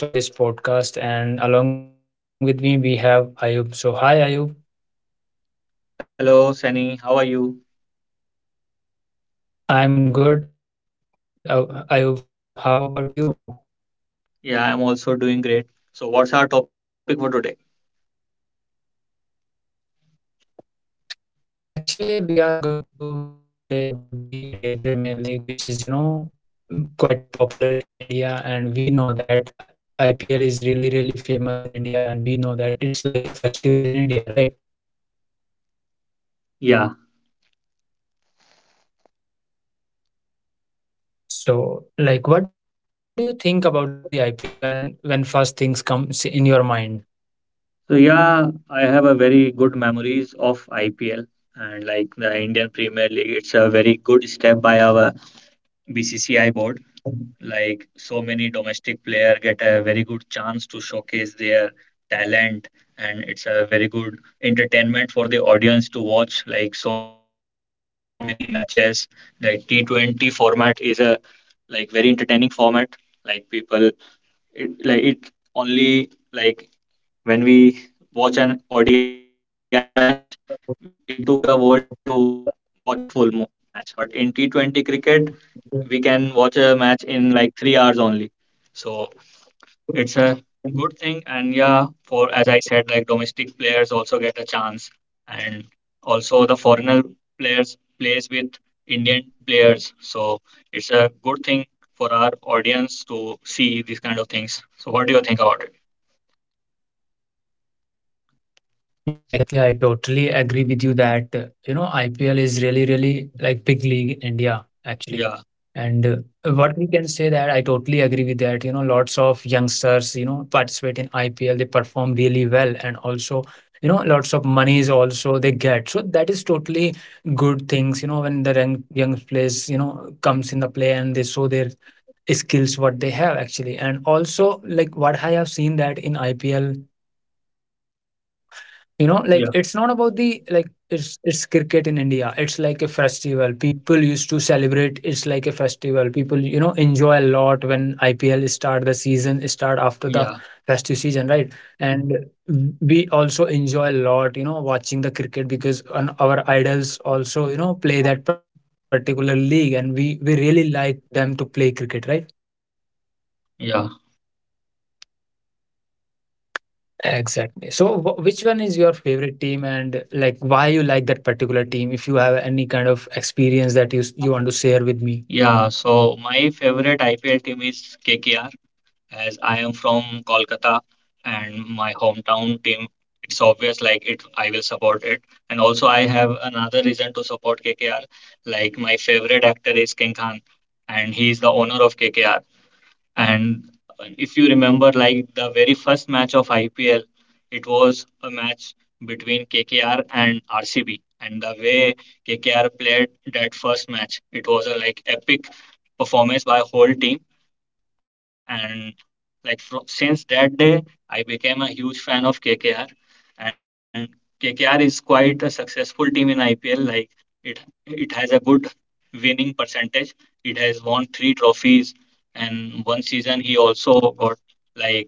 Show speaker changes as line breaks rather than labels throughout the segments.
Hello everyone, my name is Sunny and today I'm the host of this podcast and along with me we have Ayub. So hi Ayub.
Hello, Sunny. How are you?
I'm good. Ayub, how about you?
Yeah, I'm also doing great. So, what's our topic for today?
Actually, we are going to talk today about the Indian Premier League which is, you know, quite popular in India, and we know that IPL is really really famous in India, and we know that it's like a festival in India, right?
Yeah.
So, like what do you think about the IPL when first things comes in your mind?
So yeah, I have a very good memories of IPL and, like, the Indian Premier League. It's a very good step by our BCCI board. Like, so many domestic player get a very good chance to showcase their talent, and it's a very good entertainment for the audience to watch like so many matches. Like T20 format is a, like, very entertaining format. Like people, it like it only like when we watch an ODI match, it took a whole day to watch a full match. But in T20 cricket, we can watch a match in like 3 hours only. So it's a good thing. And, yeah, for as I said, like, domestic players also get a chance, and also the foreigner players plays with Indian players, so it's a good thing for our audience to see these kind of things. So what do you think about it?
Yeah, exactly. I totally agree with you that, you know, IPL is really, really like big league in India, actually.
Yeah,
And what we can say that I totally agree with that, you know, lots of youngsters, you know, participate in IPL, they perform really well. And also, you know, lots of monies also they get. So that is totally good things, you know, when the young players, you know, comes in the play and they show their skills, what they have actually. And also like what I have seen that in IPL, you know,
yeah,
like it's not about the like it's cricket in India. It's like a festival. People used to celebrate. It's like a festival. People you know enjoy a lot when IPL start the season start
yeah,
after the festive season, right? And we also enjoy a lot, you know, watching the cricket because on our idols also you know play that particular league, and we really like them to play cricket, right?
yeah,
Exactly. So, which one is your favorite team, and like why you like that particular team? If you have any kind of experience that you you want to share with
yeah.
me.
So my favorite IPL team is KKR, as I am from Kolkata, and my hometown team, it's obvious, like, it I will support it. And also I have another reason to support KKR. Like, my favorite actor is King Khan, and he is the owner of KKR. And if you remember, like, the very first match of IPL, it was a match between KKR and RCB. And the way KKR played that first match, it was a, like, epic performance by whole team. And, like, from since that day, I became a huge fan of KKR. And KKR is quite a successful team in IPL. Like, it, it has a good winning percentage. It has won three trophies, and one season he also got, like,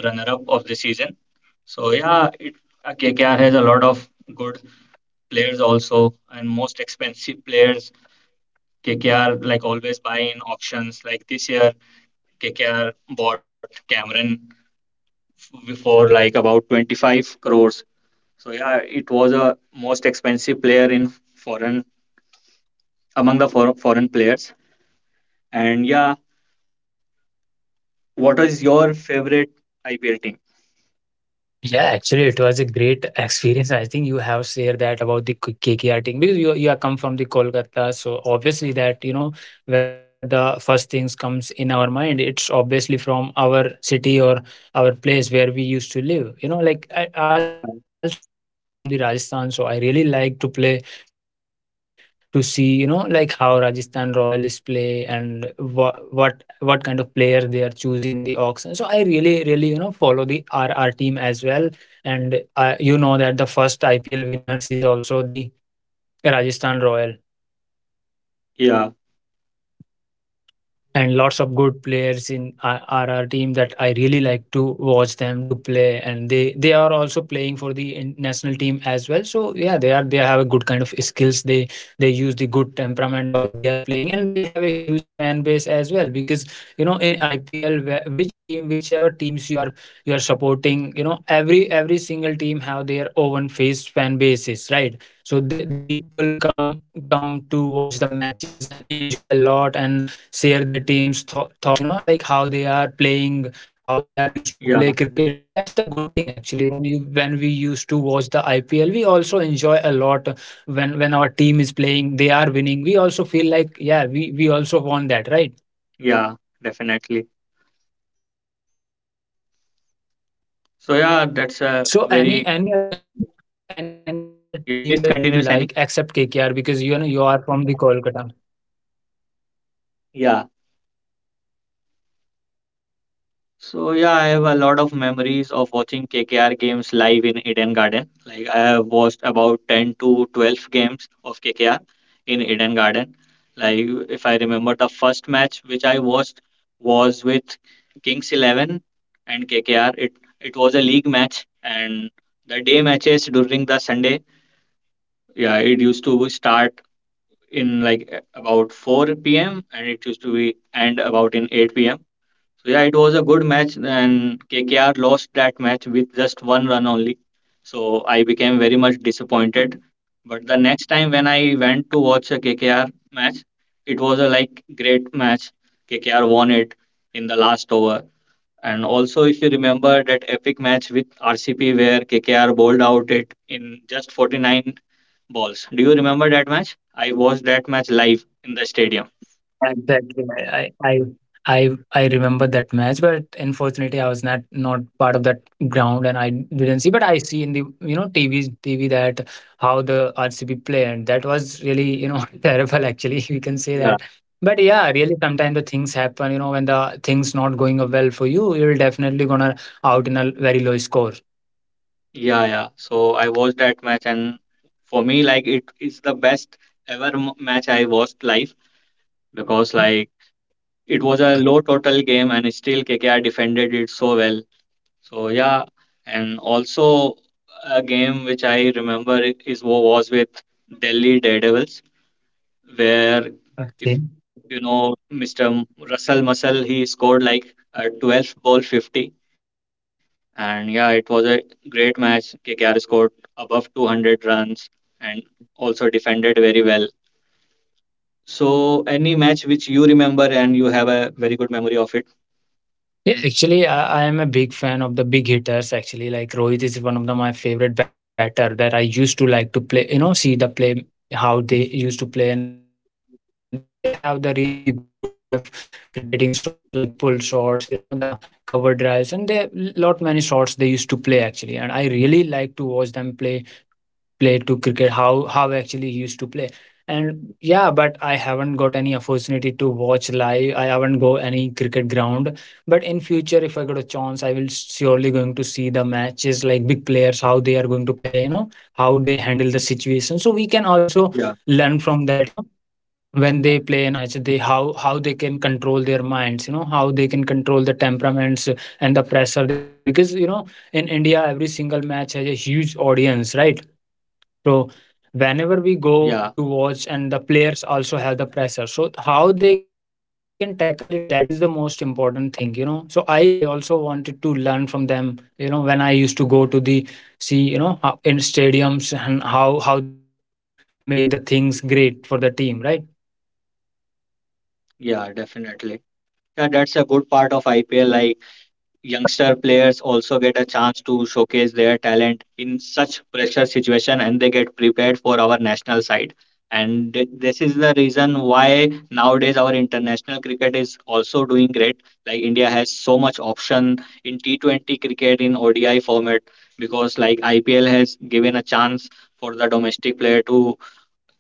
runner up of the season. So yeah, KKR has a lot of good players also, and most expensive players. KKR, like, always buy in auctions. Like this year, KKR bought Cameron for like about 25 crores. So yeah, it was a most expensive player in foreign, among the foreign players. And yeah, what is your favorite IPL team?
Yeah, actually, it was a great experience. I think you have shared that about the KKR thing because you are come from the Kolkata, so obviously that you know whenever the first things comes in our mind, it's obviously from our city or our place where we used to live. You know, like I also like I am come from the Rajasthan, so I really like to play to see, you know, like how Rajasthan Royals play and what kind of player they are choosing in the auction. So I really, really, you know, follow the R R team as well. And you know that the first IPL winners is also the Rajasthan Royal.
Yeah,
And lots of good players in are our team that I really like to watch them to play, and they are also playing for the national team as well. So yeah, they are they have a good kind of skills. They use the good temperament while they are playing, and they have a huge fan base as well because you know in IPL, which team, whichever teams you are supporting, you know every single team have their own face fan bases, right? So they, the people come to watch the matches and enjoy a lot and share their team's thoughts, you know, like how they are playing, how they are used to play cricket. So
yeah.
that's the good thing actually when you when we used to watch the IPL, we also enjoy a lot when our team is playing they are winning, we also feel like yeah, we also want that, right?
Yeah, definitely. So yeah, that's a
So
very,
any other any other
yeah. Please
team that
continue,
you
Sani.
like except KKR, because you know you are from the Kolkata.
Yeah. So yeah, I have a lot of memories of watching KKR games live in Eden Garden. Like, I have watched about 10 to 12 games of KKR in Eden Garden. Like, if I remember, the first match which I watched was with Kings Eleven and KKR. It was a league match, and the day matches during the Sunday. Yeah, it used to start in like about 4 p.m. and it used to be end about in 8 p.m. So yeah, it was a good match, and KKR lost that match with just one run only. So I became very much disappointed. But the next time when I went to watch a KKR match, it was a, like, great match. KKR won it in the last over. And also, if you remember that epic match with RCP where KKR bowled out it in just 49 balls. Do you remember that match? I watched that match live in the stadium.
Exactly. I, I I I I remember that match, but unfortunately, I was not part of that ground, and I didn't see. But I see in the you know TVs TV that how the RCB play, and that was really you know terrible.
Yeah.
Actually, we can say that. But yeah, really, sometimes the things happen. You know, when the things not going well for you, you're definitely gonna out in a very low score.
Yeah, yeah. So I watched that match, and for me, like, it is the best ever match I watched live, because, like, it was a low total game, and still KKR defended it so well. So yeah, and also a game which I remember, was with Delhi Daredevils, where if you know Mr.
Okay.
Russell Muscle, he scored like a 12 ball 50. And yeah, it was a great match. KKR scored above 200 runs, and also defended very well. So, any match which you remember and you have a very good memory of it?
Yeah, actually, I am a big fan of the big hitters. Actually, like Rohit is one of the, my favorite batter that I used to like to play. You know, see the play how they used to play, and they have the really good kind of cricketing shots like pull shots. You know, the cover drives, and they lot many shots they used to play actually. And I really like to watch them play play to cricket, how actually he used to play. And yeah, but I haven't got any opportunity to watch live. I haven't go any cricket ground. But in future, if I got a chance, I will surely going to see the matches like big players, how they are going to play, you know, how they handle the situation. So we can
Yeah.
also learn from that, you know, when they play in high pressure match, they how they can control their minds, you know, how they can control the temperaments and the pressure they have. Because you know, in India, every single match has a huge audience, right? So
Yeah,
whenever we go to watch and the players also have the pressure. So how they can tackle it, that is the most important thing, you know. So I also wanted to learn from them, you know, when I used to go to the see, you know, in stadiums and how they used to make the things great for the team, right?
yeah, definitely. Yeah, that's a good part of IPL. Like, youngster players also get a chance to showcase their talent in such pressure situation, and they get prepared for our national side. And this is the reason why nowadays our international cricket is also doing great. Like, India has so much option in T20 cricket, in ODI format, because, like, IPL has given a chance for the domestic player to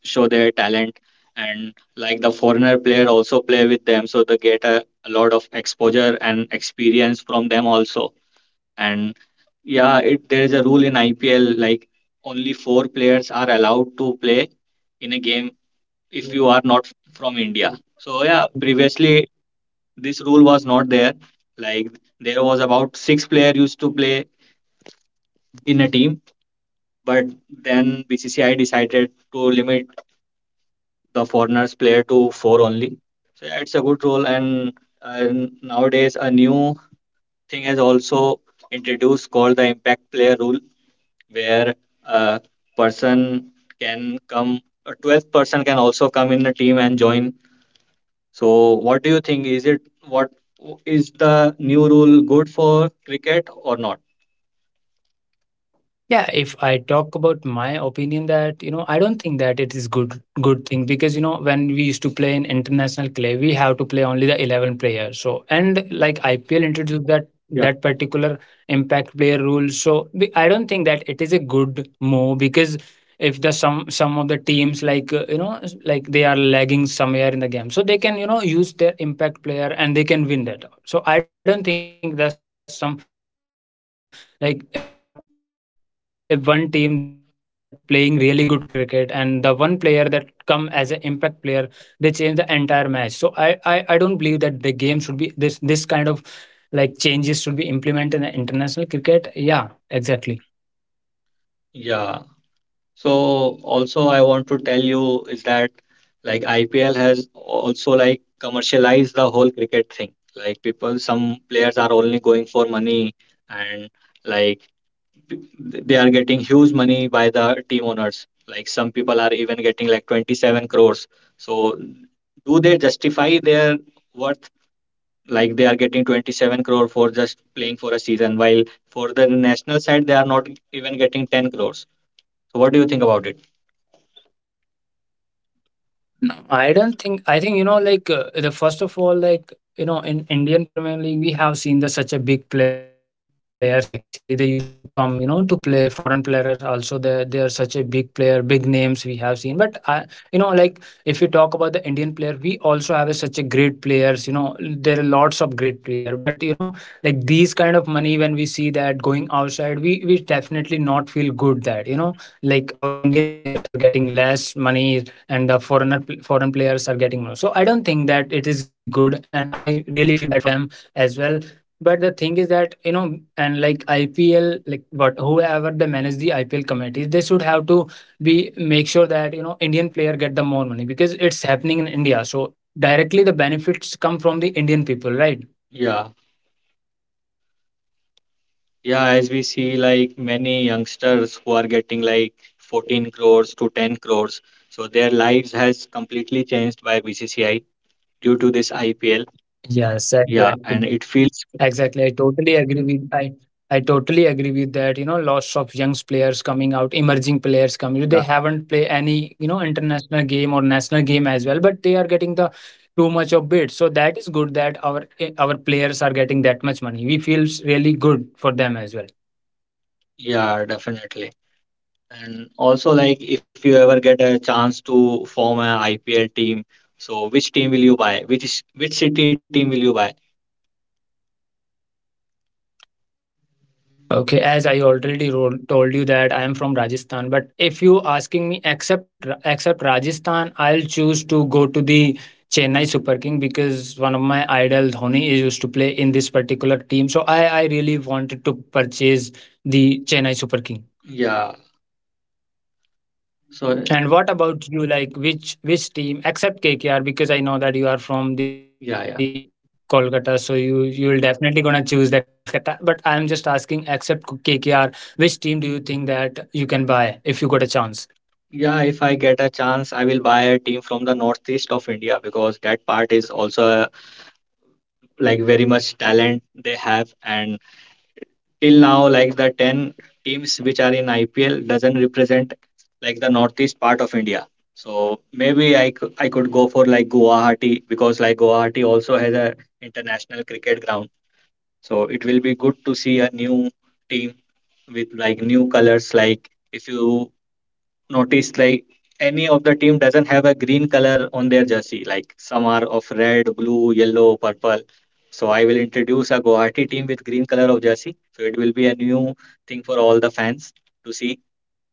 show their talent, and, like, the foreigner player also play with them, so they get a lot of exposure and experience from them also. And yeah, it, there is a rule in IPL, like, only four players are allowed to play in a game if you are not from India. So yeah, previously this rule was not there. Like, there was about six player used to play in a team, but then BCCI decided to limit the foreigners play to four only. So yeah, it's a good rule. And nowadays, a new thing has also introduced, called the impact player rule, where a person can come, a 12th person can also come in the team and join. So what do you think? Is it, what, is the new rule good for cricket or not?
Yeah, if I talk about my opinion that, you know, I don't think that it is good thing because, you know, when we used to play in international clay, we have to play only the 11 players. So, and like IPL
Yeah.
introduced that that particular impact player rule. So, I don't think that it is a good move because if the some of the teams like, you know, like they are lagging somewhere in the game. So, they can, you know, use their impact player and they can win that. So, I don't think that's some like one team that playing really good cricket and the one player that come as an impact player, they change the entire match. So I don't believe that the game should be this kind of like changes should be implemented in the international cricket, yeah, exactly.
Yeah. So also I want to tell you is that, like, IPL has also, like, commercialized the whole cricket thing. Like, people, some players are only going for money, and, like, they are getting huge money by the team owners. Like, some people are even getting like 27 crores. So do they justify their worth? Like, they are getting 27 crore for just playing for a season, while for the national side they are not even getting 10 crores. So what do you think about it?
No, I don't think. I think you know, like the first of all, like you know, in Indian Premier League, we have seen the such a big players. Actually, they used to come, you know, to play foreign players. Also, they are such a big player, big names we have seen. But I, you know, like if we talk about the Indian player, we also have a, such a great players. You know, there are lots of great player. But you know, like these kind of money when we see that going outside, we definitely not feel good that you know, like our Indian players are getting less money and the foreign players are getting more. So I don't think that it is really good, and I really feel bad for them as well. But the thing is that you know, and like IPL, like what whoever they manage the IPL committees, they should have to be make sure that you know Indian player get the more money because it's happening in India. So directly the benefits come from the Indian people, right?
Yeah, yeah. As we see, like, many youngsters who are getting like 14 crores to 10 crores, so their lives has completely changed by BCCI due to this IPL.
Yes, exactly.
Yeah, and it feels.
Exactly. I totally agree with that. You know, lots of young players coming out, emerging players coming. They haven't
Yeah,
played any, you know, international game or national game as well, but they are getting the too much of bid. So that is good that our our players are getting that much money. We feel really good for them as well.
yeah, definitely. And also, like, if you ever get a chance to form an IPL team, so which team will you buy? Which city team will you buy?
Okay, as I already told you that I am from Rajasthan, but if you asking me except except Rajasthan, I'll choose to go to the Chennai Super King because one of my idol Dhoni is used to play in this particular team. So I really wanted to purchase the Chennai Super King.
Yeah. So
And what about you? Like which team except KKR? Because I know that you are from the
yeah, yeah.
Kolkata, so you you'll definitely gonna choose that Kolkata. But I'm just asking, except KKR, which team do you think that you can buy if you got a chance?
Yeah, if I get a chance, I will buy a team from the northeast of India, because that part is also, like, very much talent they have. And till now, like, the 10 teams which are in IPL doesn't represent, like, the northeast part of India. So maybe I could go for, like, Guwahati, because, like, Guwahati also has a international cricket ground. So it will be good to see a new team with, like, new colors. Like, if you noticed, like, any of the team doesn't have a green color on their jersey. Like, some are of red, blue, yellow, purple. So I will introduce a Guwahati team with green color of jersey. So it will be a new thing for all the fans to see.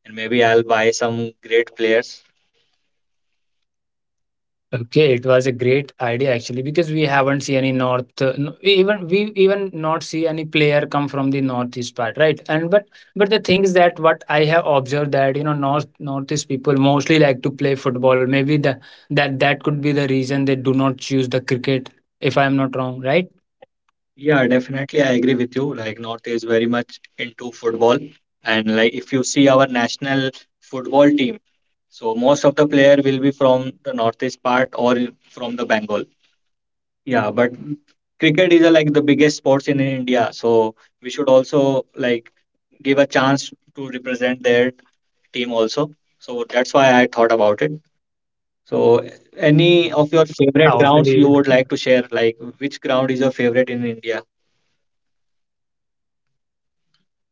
And maybe I'll buy some great players.
Okay, it was a great idea actually because we haven't see any even we even not see any player come from the northeast part, right? And but the thing is that what I have observed that you know northeast people mostly like to play football. Maybe the that that could be the reason they do not choose the cricket, if I am not wrong, right?
Yeah, definitely I agree with you. Like, North is very much into football. And, like, if you see our national football team, so most of the player will be from the northeast part, or from the Bengal. Yeah, but cricket is, like, the biggest sports in India, so we should also, like, give a chance to represent their team also. So that's why I thought about it. So any of your
Yeah,
favorite grounds
hopefully.
you would like to share, like, which ground is your favorite in India?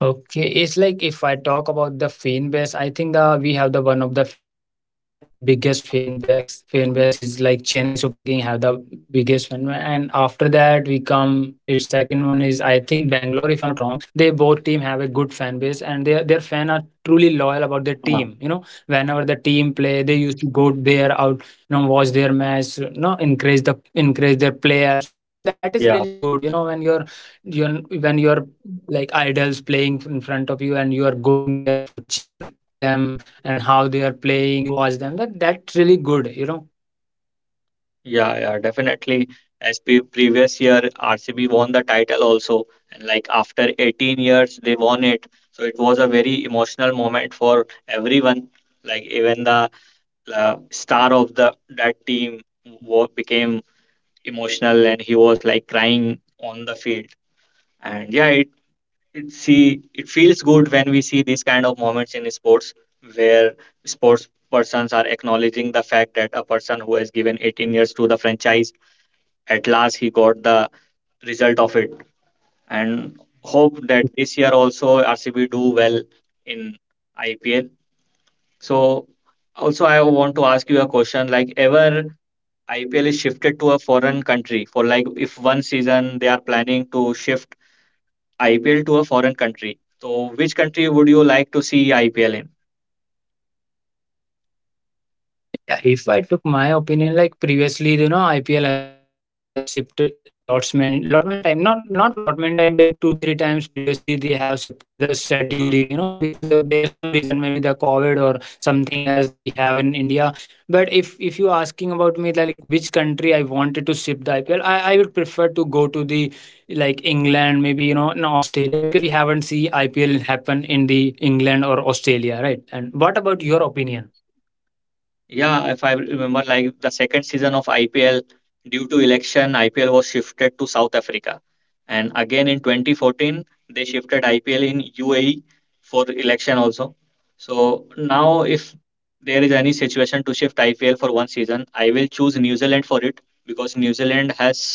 Okay, it's like if I talk about the fan base, I think the we have the one of the biggest fan base. Fan base is like Chennai Super King have the biggest fan base, and after that we come. Its second one is I think Bangalore, if I'm not wrong. They both team have a good fan base, and their fan are truly loyal about their team. You
Ah,
know, whenever the team play, they used to go there out, you know, watch their match, you know, encourage their player. So that is really good. You
yeah.
know, when you're you when you're like idols playing in front of you and you are going there for cheer them and how they are playing, you watch them. That's really good, you know.
Yeah, yeah, definitely. As pe previous year, RCB won the title also, and, like, after 18 years, they won it. So it was a very emotional moment for everyone, like, even the, star of the that team became emotional, and he was, like, crying on the field. And yeah, it feels good when we see these kind of moments in sports, where sports persons are acknowledging the fact that a person who has given 18 years to the franchise, at last he got the result of it. And hope that this year also RCB do well in IPL. So also I want to ask you a question, like, ever IPL is shifted to a foreign country, for, like, if one season they are planning to shift IPL to a foreign country. So which country would you like to see IPL in?
Yeah, if I took my opinion, like previously, you know, IPL has shifted lot many time. Not lot many time, like two, three times previously they have shifted the scheduling, you know, because of there some reason, maybe the COVID or something else we have in India. But if you're asking about me like which country I wanted to shift the IPL, I would prefer to go to the like England, maybe, you know, in Australia, because we haven't see IPL happen in the England or Australia, right? And what about your opinion?
Yeah, if I remember, like, the second season of IPL, due to election, IPL was shifted to South Africa. And again in 2014, they shifted IPL in UAE for election also. So now, if there is any situation to shift IPL for one season, I will choose New Zealand for it, because New Zealand has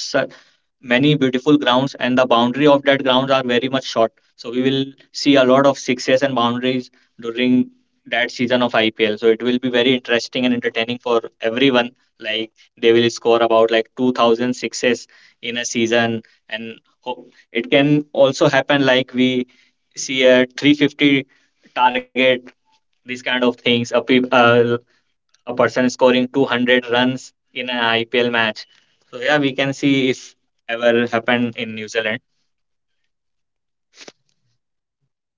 many beautiful grounds, and the boundary of that grounds are very much short, so we will see a lot of sixes and boundaries during that season of IPL. So it will be very interesting and entertaining for everyone. Like, they will score about like 2,000 sixes in a season. And it can also happen like we see a 350 target, these kind of things, a person scoring 200 runs in an IPL match. So yeah, we can see if ever happened in New Zealand.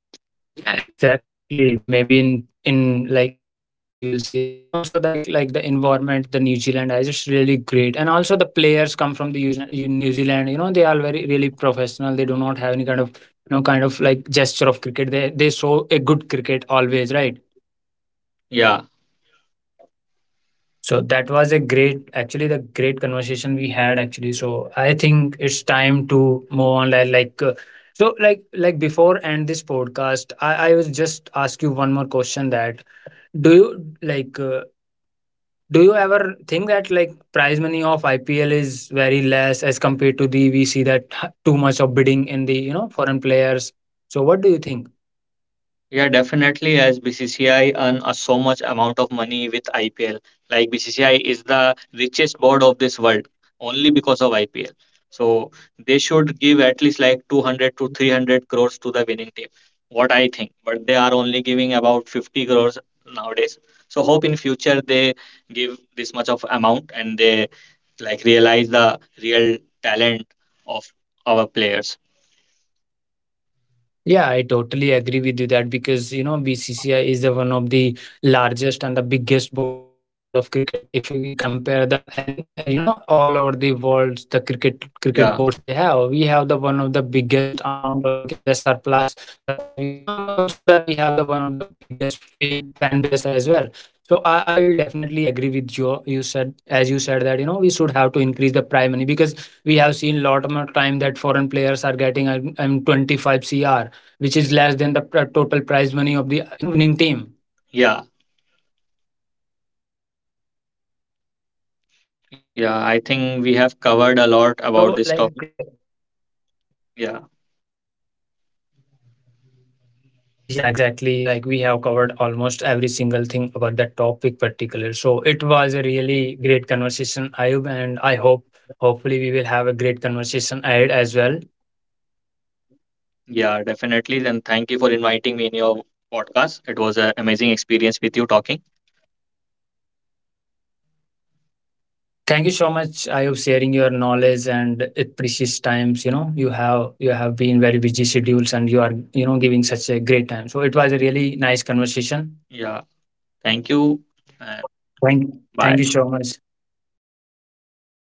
Exactly. Maybe in future we will see that, and also like the environment, the New Zealand is just really great, and also the players come from the New Zealand. New Zealand, you know, they are very really professional. They do not have any kind of, you know, kind of like gesture of cricket. They show a good cricket always, right?
Yeah.
So that was a great, actually the great conversation we had actually. So I think it's time to move on. So like before end this podcast, I was just ask you one more question that do you like? Do you ever think that like prize money of IPL is very less as compared to the we see that too much of bidding in the, you know, foreign players? So what do you think?
Yeah, definitely. As BCCI earn a so much amount of money with IPL, like, BCCI is the richest board of this world only because of IPL. So they should give at least like 200 to 300 crores to the winning team, what I think. But they are only giving about 50 crores nowadays. So hope in future they give this much of amount, and they, like, realize the real talent of our players.
Yeah, I totally agree with you that because you know BCCI is the one of the largest and the biggest board of cricket. If we compare the and you know, all over the world the cricket boards they
Yeah,
have, we have the one of the biggest amount, or we can the surplus we and also that we have the one of the biggest fan base as well. So I will definitely agree with you. You said, as you said, that you know we should have to increase the prize money, because we have seen lot of more time that foreign players are getting 25 cr, which is less than the total prize money of the, you know, winning team.
yeah. Yeah, I think we have covered a lot
So
about
like.
this topic. Yeah,
Yeah, exactly, like we have covered almost every single thing about that topic particular, so it was a really great conversation, Ayub, and I hope hopefully we will have a great conversation ahead as well.
yeah, definitely. Then thank you for inviting me in your podcast. It was an amazing experience with you talking.
Thank you so much, Ayub, sharing your knowledge and it precious times. You know, you have been very busy schedules and you are, you know, giving such a great time, so it was a really nice conversation.
Yeah, thank you. And bye.
thank Thank you so much.